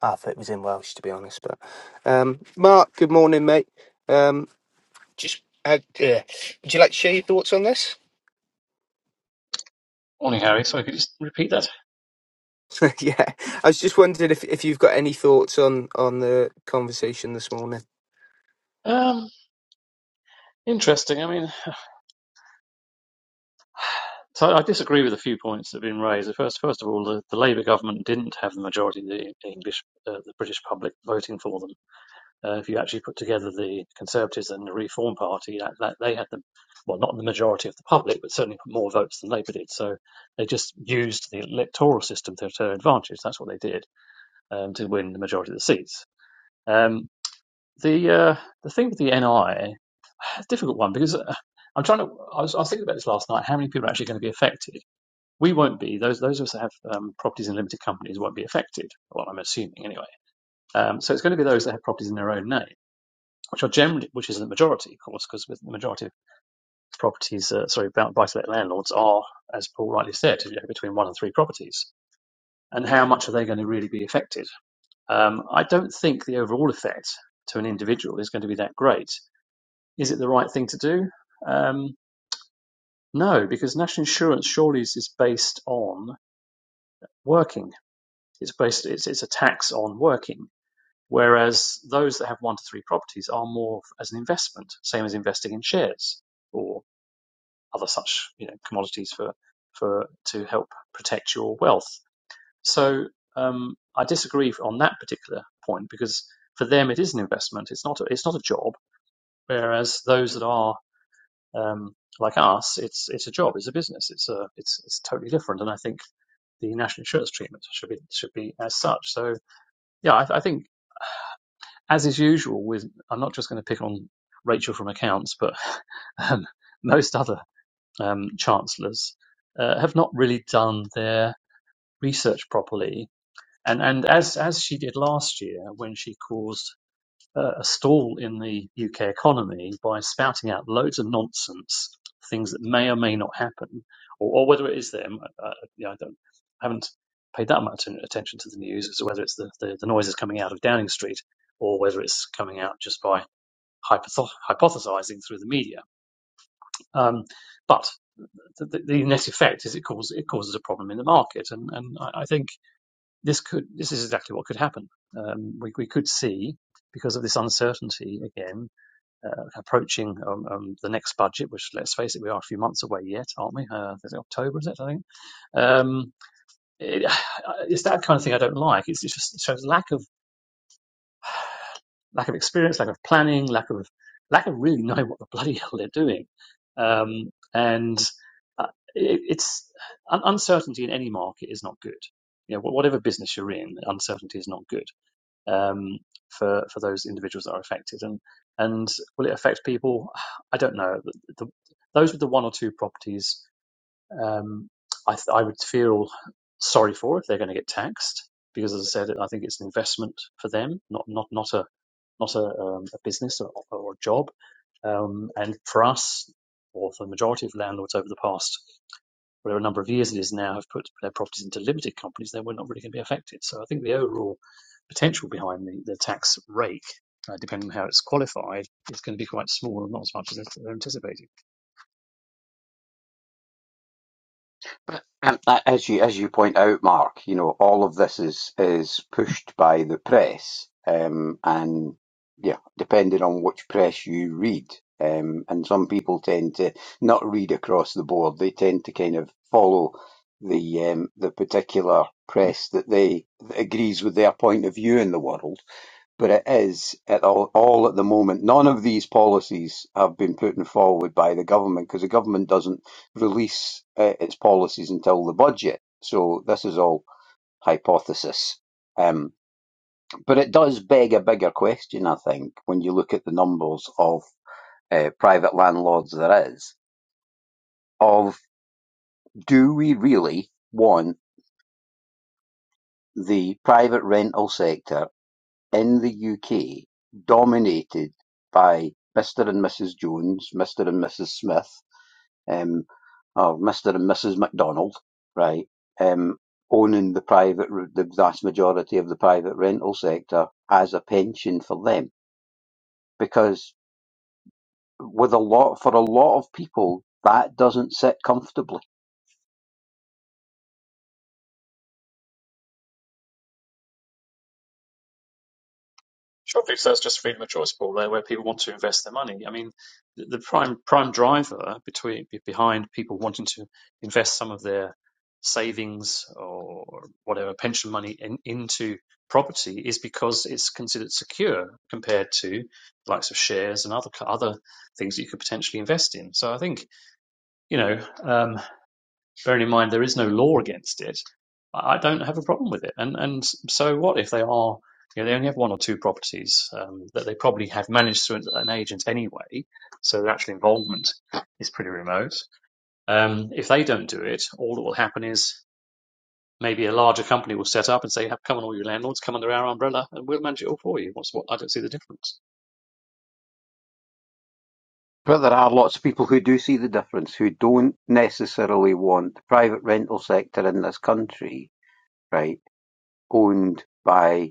[SPEAKER 1] I thought it was in Welsh, to be honest. But um, Mark, good morning, mate. Um, just had, uh, would you like to share your thoughts on this?
[SPEAKER 6] Morning, Harry. Sorry, could you just repeat that?
[SPEAKER 1] yeah, I was just wondering if if you've got any thoughts on on the conversation this morning.
[SPEAKER 6] Um, interesting. I mean, so I disagree with a few points that have been raised. First, first of all, the, the Labour government didn't have the majority of the English, uh, the British public voting for them. Uh, if you actually put together the Conservatives and the Reform Party, that, that they had the, well, not the majority of the public, but certainly more votes than Labour did. So they just used the electoral system to their advantage. That's what they did um, to win the majority of the seats. Um, the uh, the thing with the NI That's a difficult one because uh, I'm trying to. I was, I was thinking about this last night. How many people are actually going to be affected? We won't be. Those those of us that have um, properties in limited companies won't be affected. Well, I'm assuming anyway. Um, so it's going to be those that have properties in their own name, which are generally, which is the majority, of course, because with the majority of properties, uh, sorry, buy to let landlords are, as Paul rightly said, you know, between one and three properties. And how much are they going to really be affected? Um, I don't think the overall effect to an individual is going to be that great. Is it the right thing to do? Um, No, because national insurance surely is based on working. It's based it's, it's a tax on working. Whereas those that have one to three properties are more as an investment, same as investing in shares or other such you know commodities for for to help protect your wealth. So um, I disagree on that particular point because for them it is an investment. It's not a, it's not a job. Whereas those that are um, like us, it's it's a job, it's a business, it's a it's it's totally different. And I think the national insurance treatment should be should be as such. So yeah, I, I think as is usual with I'm not just going to pick on Rachel from accounts, but um, most other um, chancellors uh, have not really done their research properly. And and as as she did last year when she caused uh, a stall in the UK economy by spouting out loads of nonsense, things that may or may not happen, or, or whether it is them. Uh, uh, you know, I don't, I haven't paid that much attention to the news as to whether it's the, the, the noises coming out of Downing Street or whether it's coming out just by hypotho- hypothesizing through the media. Um, but the, the, the net effect is it causes it causes a problem in the market, and, and I, I think this could this is exactly what could happen. Um, we, we could see because of this uncertainty again uh, approaching um, um, the next budget, which let's face it, we are a few months away yet, aren't we? Uh, is it October? Is it? I think um, it, it's that kind of thing I don't like. It's, it's just it shows lack of lack of experience, lack of planning, lack of lack of really knowing what the bloody hell they're doing, um, and uh, it, it's uncertainty in any market is not good. You know, whatever business you're in, uncertainty is not good um, for for those individuals that are affected. And and will it affect people? I don't know. The, the, those with the one or two properties, um, I, th- I would feel sorry for if they're going to get taxed because, as I said, I think it's an investment for them, not not not a not a, um, a business or, or a job. Um, and for us, or for the majority of landlords over the past where a number of years it is now have put their properties into limited companies, then we're not really going to be affected. So I think the overall potential behind the, the tax rake, uh, depending on how it's qualified, is going to be quite small and not as much as they're anticipating.
[SPEAKER 5] Um, a- as you as you point out, Mark, you know all of this is is pushed by the press, um, and yeah, depending on which press you read, um, and some people tend to not read across the board. They tend to kind of follow the um, the particular press that they that agrees with their point of view in the world. But it is at all, all at the moment. None of these policies have been put in forward by the government because the government doesn't release uh, its policies until the budget. So this is all hypothesis. Um, but it does beg a bigger question, I think, when you look at the numbers of uh, private landlords there is, of do we really want the private rental sector in the UK dominated by Mr. and Mrs. Jones, Mr. and Mrs. Smith, um, or Mr. and Mrs. McDonald, right, um, owning the private, the vast majority of the private rental sector as a pension for them. Because with a lot, for a lot of people, that doesn't sit comfortably.
[SPEAKER 6] Sure, because that's just freedom of choice, Paul. There, where people want to invest their money. I mean, the, the prime prime driver between behind people wanting to invest some of their savings or whatever pension money in, into property is because it's considered secure compared to the likes of shares and other other things that you could potentially invest in. So I think you know. Um, bearing in mind there is no law against it, I don't have a problem with it. And and so what if they are, you know, they only have one or two properties um, that they probably have managed through an agent anyway, so their actual involvement is pretty remote. Um, if they don't do it, all that will happen is maybe a larger company will set up and say, "Come on, all your landlords, come under our umbrella, and we'll manage it all for you." What's what? I don't see the difference.
[SPEAKER 5] But there are lots of people who do see the difference, who don't necessarily want the private rental sector in this country, right, owned by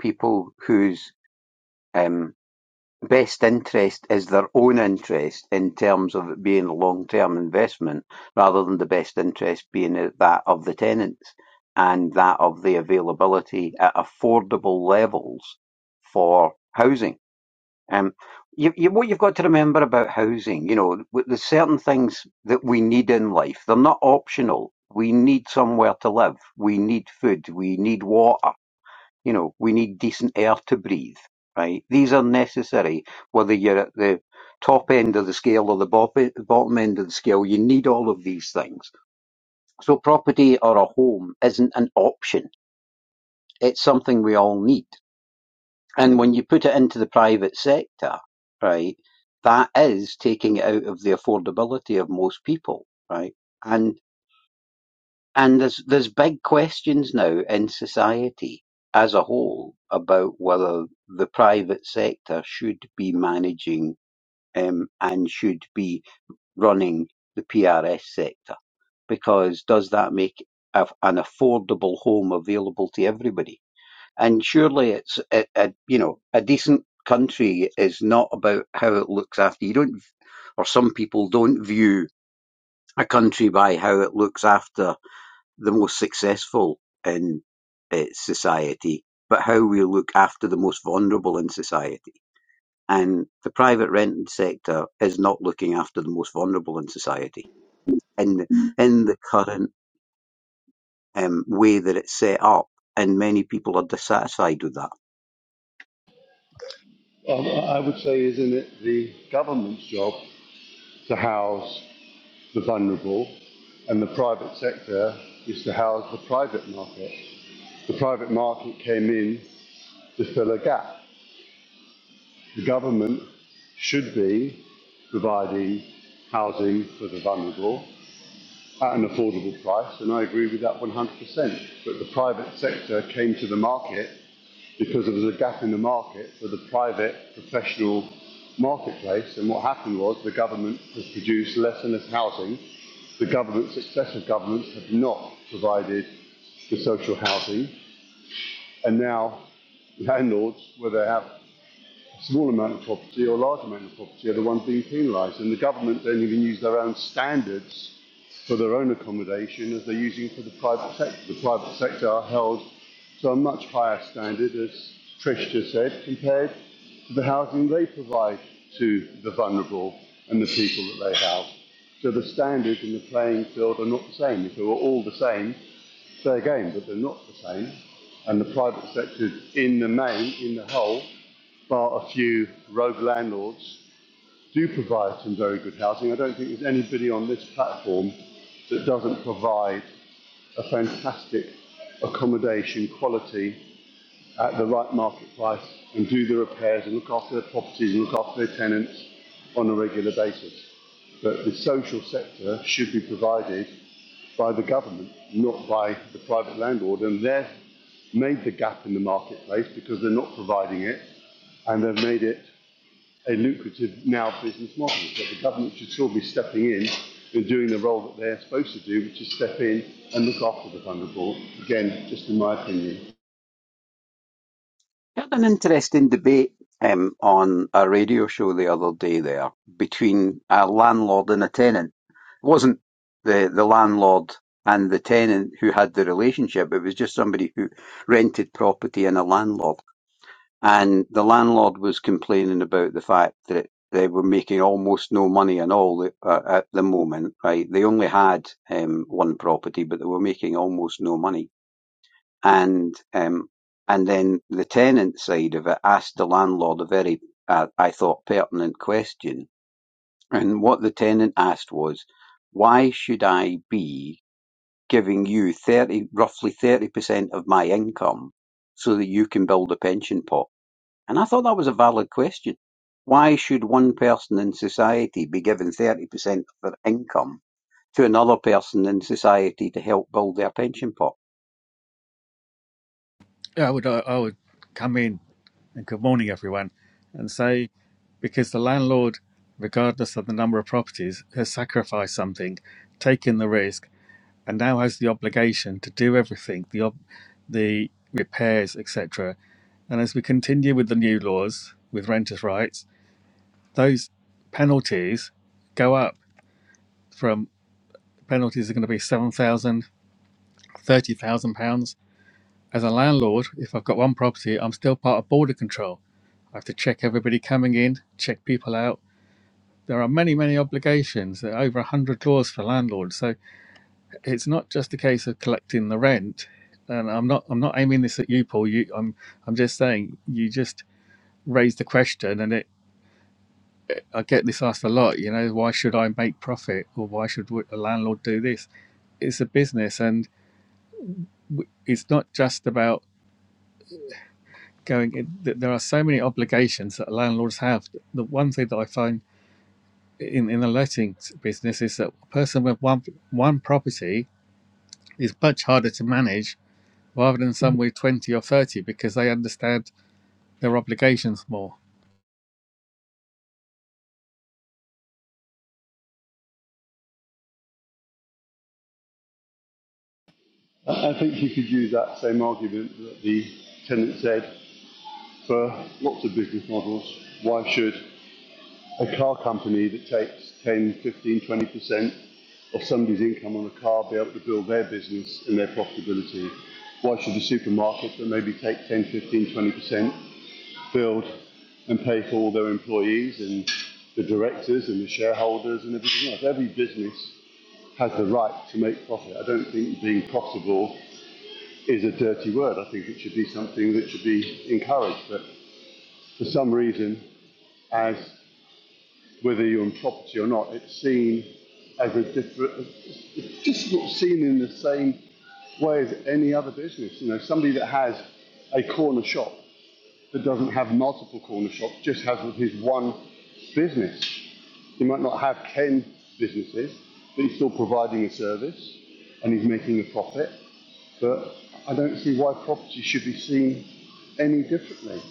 [SPEAKER 5] people whose um, best interest is their own interest in terms of it being a long-term investment rather than the best interest being that of the tenants and that of the availability at affordable levels for housing. Um, you, you, what you've got to remember about housing, you know, there's certain things that we need in life. They're not optional. We need somewhere to live. We need food. We need water you know, we need decent air to breathe, right? These are necessary, whether you're at the top end of the scale or the bop- bottom end of the scale, you need all of these things. So property or a home isn't an option. It's something we all need. And when you put it into the private sector, right, that is taking it out of the affordability of most people, right? And And there's there's big questions now in society as a whole about whether the private sector should be managing um, and should be running the PRS sector because does that make a, an affordable home available to everybody? And surely it's a, a you know a decent country is not about how it looks after you don't or some people don't view a country by how it looks after the most successful in uh, society, but how we look after the most vulnerable in society. And the private rented sector is not looking after the most vulnerable in society in the, in the current um, way that it's set up, and many people are dissatisfied with that.
[SPEAKER 4] Um, I would say, isn't it the government's job to house the vulnerable, and the private sector is to house the private market? The private market came in to fill a gap. The government should be providing housing for the vulnerable at an affordable price, and I agree with that 100%. But the private sector came to the market because there was a gap in the market for the private professional marketplace. And what happened was the government has produced less and less housing. The government, successive governments, have not provided the social housing. And now landlords, where they have small amount of property or large amount of property are the ones being penalised. And the government don't even use their own standards for their own accommodation as they're using for the private sector. The private sector are held to a much higher standard, as Trish just said, compared to the housing they provide to the vulnerable and the people that they house. So the standards in the playing field are not the same. If they were all the same, fair game, but they're not the same. And the private sector, in the main, in the whole, bar a few rogue landlords, do provide some very good housing. I don't think there's anybody on this platform that doesn't provide a fantastic accommodation quality at the right market price and do the repairs and look after their properties and look after their tenants on a regular basis. But the social sector should be provided by the government, not by the private landlord. And they've made the gap in the marketplace because they're not providing it and they've made it a lucrative now business model. But the government should still be stepping in and doing the role that they're supposed to do, which is step in and look after the vulnerable. Again, just in my opinion.
[SPEAKER 5] I Had an interesting debate um, on a radio show the other day there between a landlord and a tenant. It wasn't the, the landlord and the tenant who had the relationship, it was just somebody who rented property and a landlord. And the landlord was complaining about the fact that they were making almost no money at all uh, at the moment, right? They only had um, one property, but they were making almost no money and um, and then the tenant side of it asked the landlord a very, uh, I thought, pertinent question. And what the tenant asked was, "Why should I be giving you thirty, roughly thirty percent of my income, so that you can build a pension pot?" And I thought that was a valid question. Why should one person in society be given thirty percent of their income to another person in society to help build their pension pot?
[SPEAKER 7] Yeah, I would, I, I would come in and good morning, everyone, and say, because the landlord, regardless of the number of properties, has sacrificed something, taken the risk, and now has the obligation to do everything, the, ob- the repairs, etc. And as we continue with the new laws with renters' rights, those penalties go up from penalties are going to be seven thousand, thirty thousand pounds As a landlord, if I've got one property, I'm still part of border control. I have to check everybody coming in, check people out. There are many, many obligations. There are over 100 laws for landlords. So it's not just a case of collecting the rent. And I'm not, I'm not aiming this at you, Paul. You, I'm, I'm just saying you just raised the question, and it, I get this asked a lot. You know, why should I make profit, or why should a landlord do this? It's a business, and w- it's not just about going. there are so many obligations that landlords have. The one thing that I find in in the letting business is that a person with one one property is much harder to manage rather than some with twenty or thirty because they understand their obligations more.
[SPEAKER 4] I think you could use that same argument that the tenant said for lots of business models. Why should a car company that takes 10, 15, 20% of somebody's income on a car be able to build their business and their profitability? Why should a supermarket that maybe take 10, 15, 20% build and pay for all their employees and the directors and the shareholders and everything else? Every business has the right to make profit. I don't think being profitable is a dirty word. I think it should be something that should be encouraged. But for some reason, as whether you're in property or not, it's seen as a different, it's just not seen in the same way as any other business. You know, somebody that has a corner shop that doesn't have multiple corner shops just has his one business. He might not have 10 businesses, but he's still providing a service and he's making a profit. But I don't see why property should be seen any differently.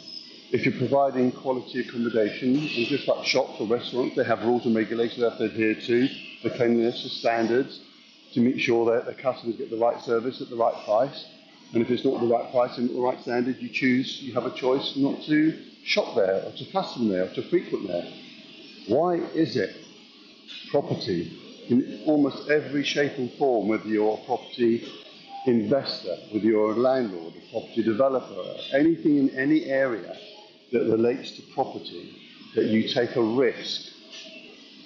[SPEAKER 4] If you're providing quality accommodation, and just like shops or restaurants, they have rules and regulations that they have to adhere to, the cleanliness, the standards, to make sure that the customers get the right service at the right price. And if it's not the right price and not the right standard, you choose, you have a choice not to shop there or to custom there or to frequent there. Why is it property in almost every shape and form, whether you're a property investor, with your landlord, a property developer, anything in any area that relates to property, that you take a risk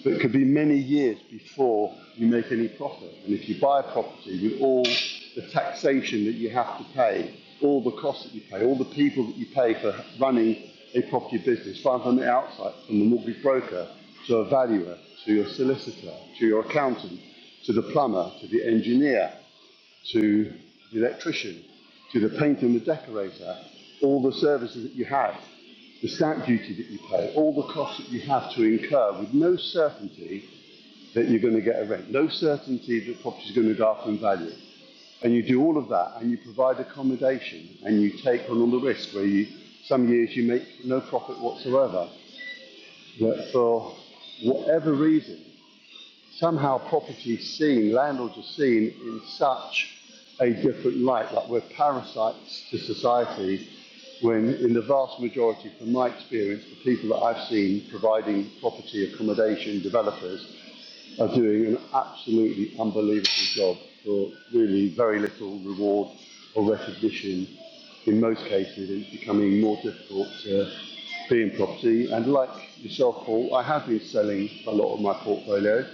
[SPEAKER 4] that could be many years before you make any profit. And if you buy a property with all the taxation that you have to pay, all the costs that you pay, all the people that you pay for running a property business, starting from the outside, from the mortgage broker to a valuer, to your solicitor, to your accountant, to the plumber, to the engineer, to the electrician, to the painter and the decorator, all the services that you have, the stamp duty that you pay, all the costs that you have to incur with no certainty that you're going to get a rent, no certainty that property is going to go up in value. And you do all of that and you provide accommodation and you take on all the risk where you, some years you make no profit whatsoever. But for whatever reason, somehow property is seen, landlords are seen in such a different light, like we're parasites to society, when in the vast majority, from my experience, the people that I've seen providing property accommodation developers are doing an absolutely unbelievable job for really very little reward or recognition. In most cases, it's becoming more difficult to be in property. And like yourself, Paul, I have been selling a lot of my portfolio.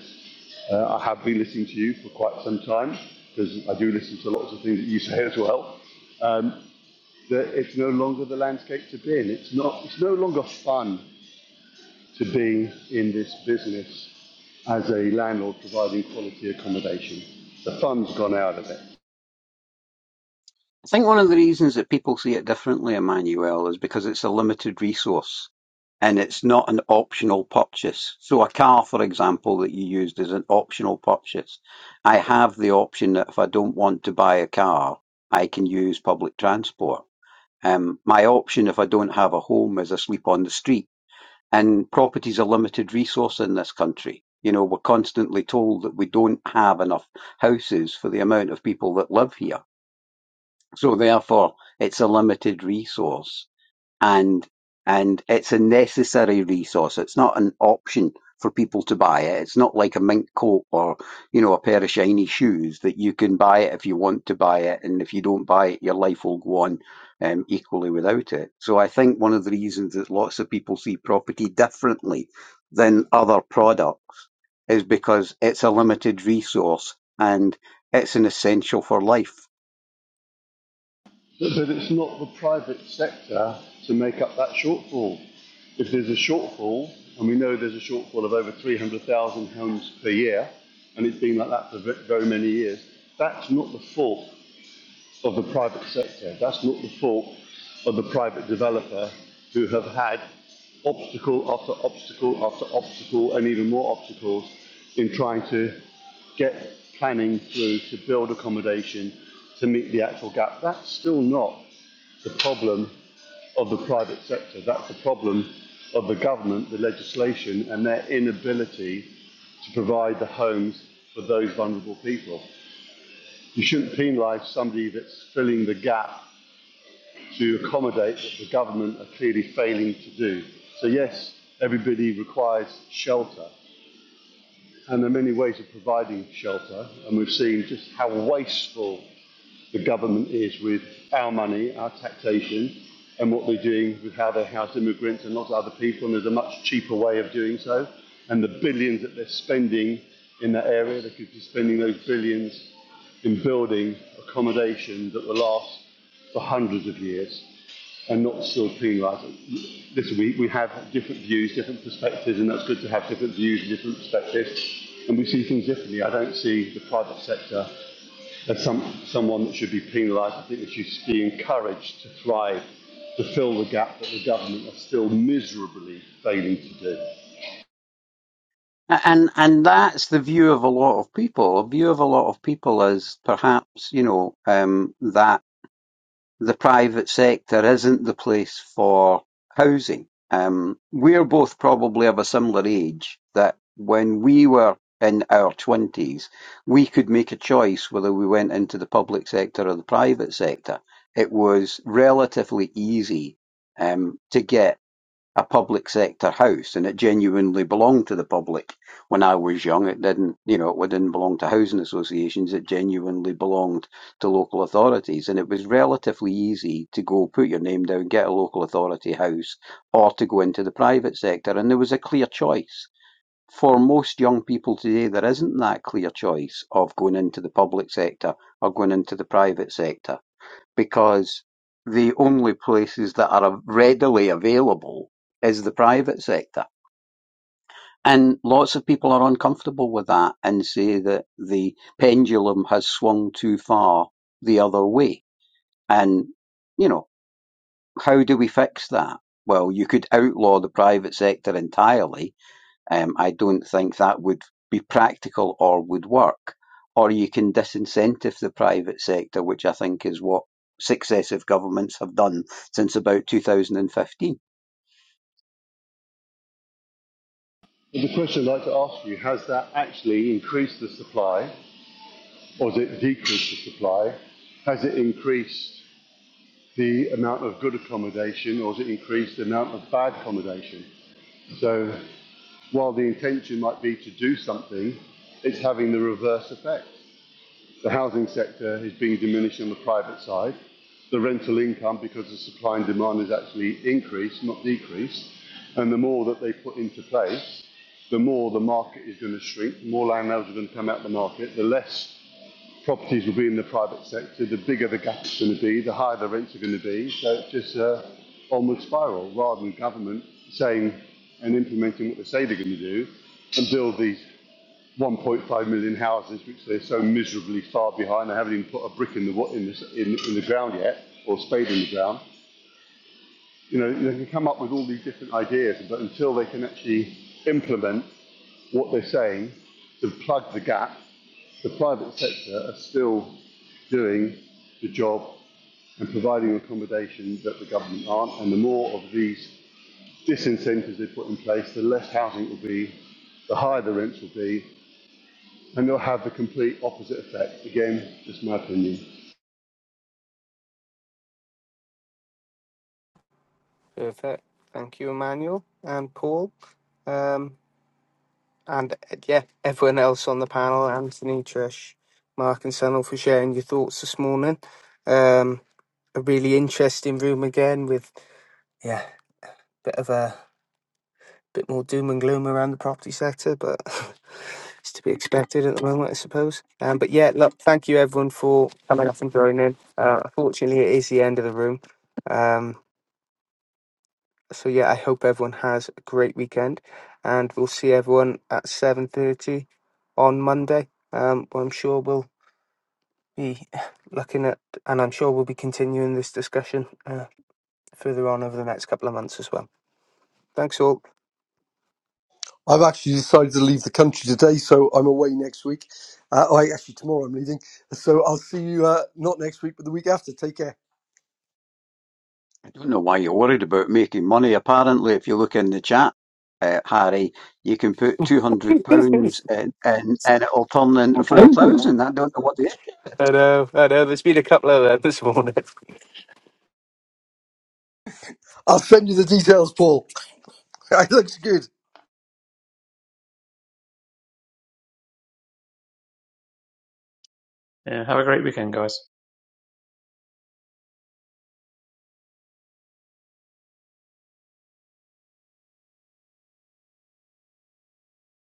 [SPEAKER 4] Uh, I have been listening to you for quite some time because I do listen to lots of things that you say as well. Um, that it's no longer the landscape to be in. It's not. It's no longer fun to be in this business as a landlord providing quality accommodation. The fund's gone out of it.
[SPEAKER 5] I think one of the reasons that people see it differently, Emmanuel, is because it's a limited resource and it's not an optional purchase. So, a car, for example, that you used is an optional purchase. I have the option that if I don't want to buy a car, I can use public transport. Um, my option, if I don't have a home, is I sleep on the street. And property is a limited resource in this country. You know, we're constantly told that we don't have enough houses for the amount of people that live here so therefore, it's a limited resource and and it's a necessary resource. It's not an option for people to buy it. It's not like a mink coat or, you know, a pair of shiny shoes that you can buy it if you want to buy it. And if you don't buy it, your life will go on um, equally without it. So I think one of the reasons that lots of people see property differently than other products is because it's a limited resource and it's an essential for life.
[SPEAKER 4] But, but it's not the private sector to make up that shortfall. If there's a shortfall, and we know there's a shortfall of over 300,000 homes per year, and it's been like that for very many years, that's not the fault of the private sector. That's not the fault of the private developer who have had obstacle after obstacle after obstacle and even more obstacles in trying to get planning through to build accommodation to meet the actual gap. That's still not the problem of the private sector. That's the problem of the government, the legislation, and their inability to provide the homes for those vulnerable people. You shouldn't penalise somebody that's filling the gap to accommodate what the government are clearly failing to do. So, yes, everybody requires shelter, and there are many ways of providing shelter, and we've seen just how wasteful the government is with our money, our taxation, and what they're doing with how they house immigrants and lots of other people. And there's a much cheaper way of doing so. And the billions that they're spending in that area, they could be spending those billions in building accommodation that will last for hundreds of years and not still penalise it. Listen, we, we have different views, different perspectives, and that's good to have different views and different perspectives. And we see things differently. I don't see the private sector as some, someone that should be penalised. I think they should be encouraged to thrive, to fill the gap that the government are still miserably failing to do.
[SPEAKER 5] And and that's the view of a lot of people. A view of a lot of people is perhaps, you know, um, that the private sector isn't the place for housing. Um, we're both probably of a similar age that when we were in our twenties, we could make a choice whether we went into the public sector or the private sector. It was relatively easy um, to get a public sector house and it genuinely belonged to the public. When I was young, it didn't, you know, it didn't belong to housing associations. It genuinely belonged to local authorities and it was relatively easy to go put your name down, get a local authority house or to go into the private sector. And there was a clear choice. For most young people today, there isn't that clear choice of going into the public sector or going into the private sector because the only places that are readily available is the private sector. And lots of people are uncomfortable with that and say that the pendulum has swung too far the other way. And, you know, how do we fix that? Well, you could outlaw the private sector entirely um, I don't think that would be practical or would work. Or you can disincentive the private sector, which I think is what successive governments have done since about 2015.
[SPEAKER 4] But the question I'd like to ask you, has that actually increased the supply or has it decreased the supply? Has it increased the amount of good accommodation or has it increased the amount of bad accommodation? So while the intention might be to do something, it's having the reverse effect. The housing sector is being diminished on the private side. The rental income, because the supply and demand is actually increased, not decreased. And the more that they put into place, the more the market is going to shrink, the more landlords are going to come out of the market, the less properties will be in the private sector, the bigger the gap is going to be, the higher the rents are going to be. So it's just a onward spiral rather than government saying and implementing what they say they're going to do and build these 1.5 million houses, which they're so miserably far behind. They haven't even put a brick in the wa- in the, in, in the ground yet, or a spade in the ground. You know, they can come up with all these different ideas, but until they can actually implement what they're saying to plug the gap, the private sector are still doing the job and providing accommodation that the government aren't. And the more of these disincentives they put in place, the less housing will be, the higher the rents will be, and they'll have the complete opposite effect. Again, just my opinion.
[SPEAKER 1] Perfect. Thank you, Emmanuel and Paul. Um, And uh, yeah, everyone else on the panel, Anthony, Trish, Mark, and Sunil for sharing your thoughts this morning. Um, a really interesting room again with yeah, bit of a bit more doom and gloom around the property sector, but it's to be expected at the moment, I suppose. Um, but yeah, look, thank you everyone for coming up and joining. Uh, unfortunately, it is the end of the room. Um, so yeah, I hope everyone has a great weekend, and we'll see everyone at seven thirty on Monday. Um, where I'm sure we'll be looking at, and I'm sure we'll be continuing this discussion uh, further on over the next couple of months as well. Thanks all.
[SPEAKER 2] I've actually decided to leave the country today, so I'm away next week. Uh, I actually tomorrow I'm leaving, so I'll see you uh, not next week, but the week after. Take care.
[SPEAKER 5] I don't know why you're worried about making money. Apparently, if you look in the chat, uh, Harry, you can put two hundred pounds and and and it'll turn into four thousand. I don't know what the
[SPEAKER 1] I know, I know. There's been a couple of them this morning.
[SPEAKER 2] I'll send you the details, Paul. it looks good.
[SPEAKER 6] Yeah, have a great weekend, guys.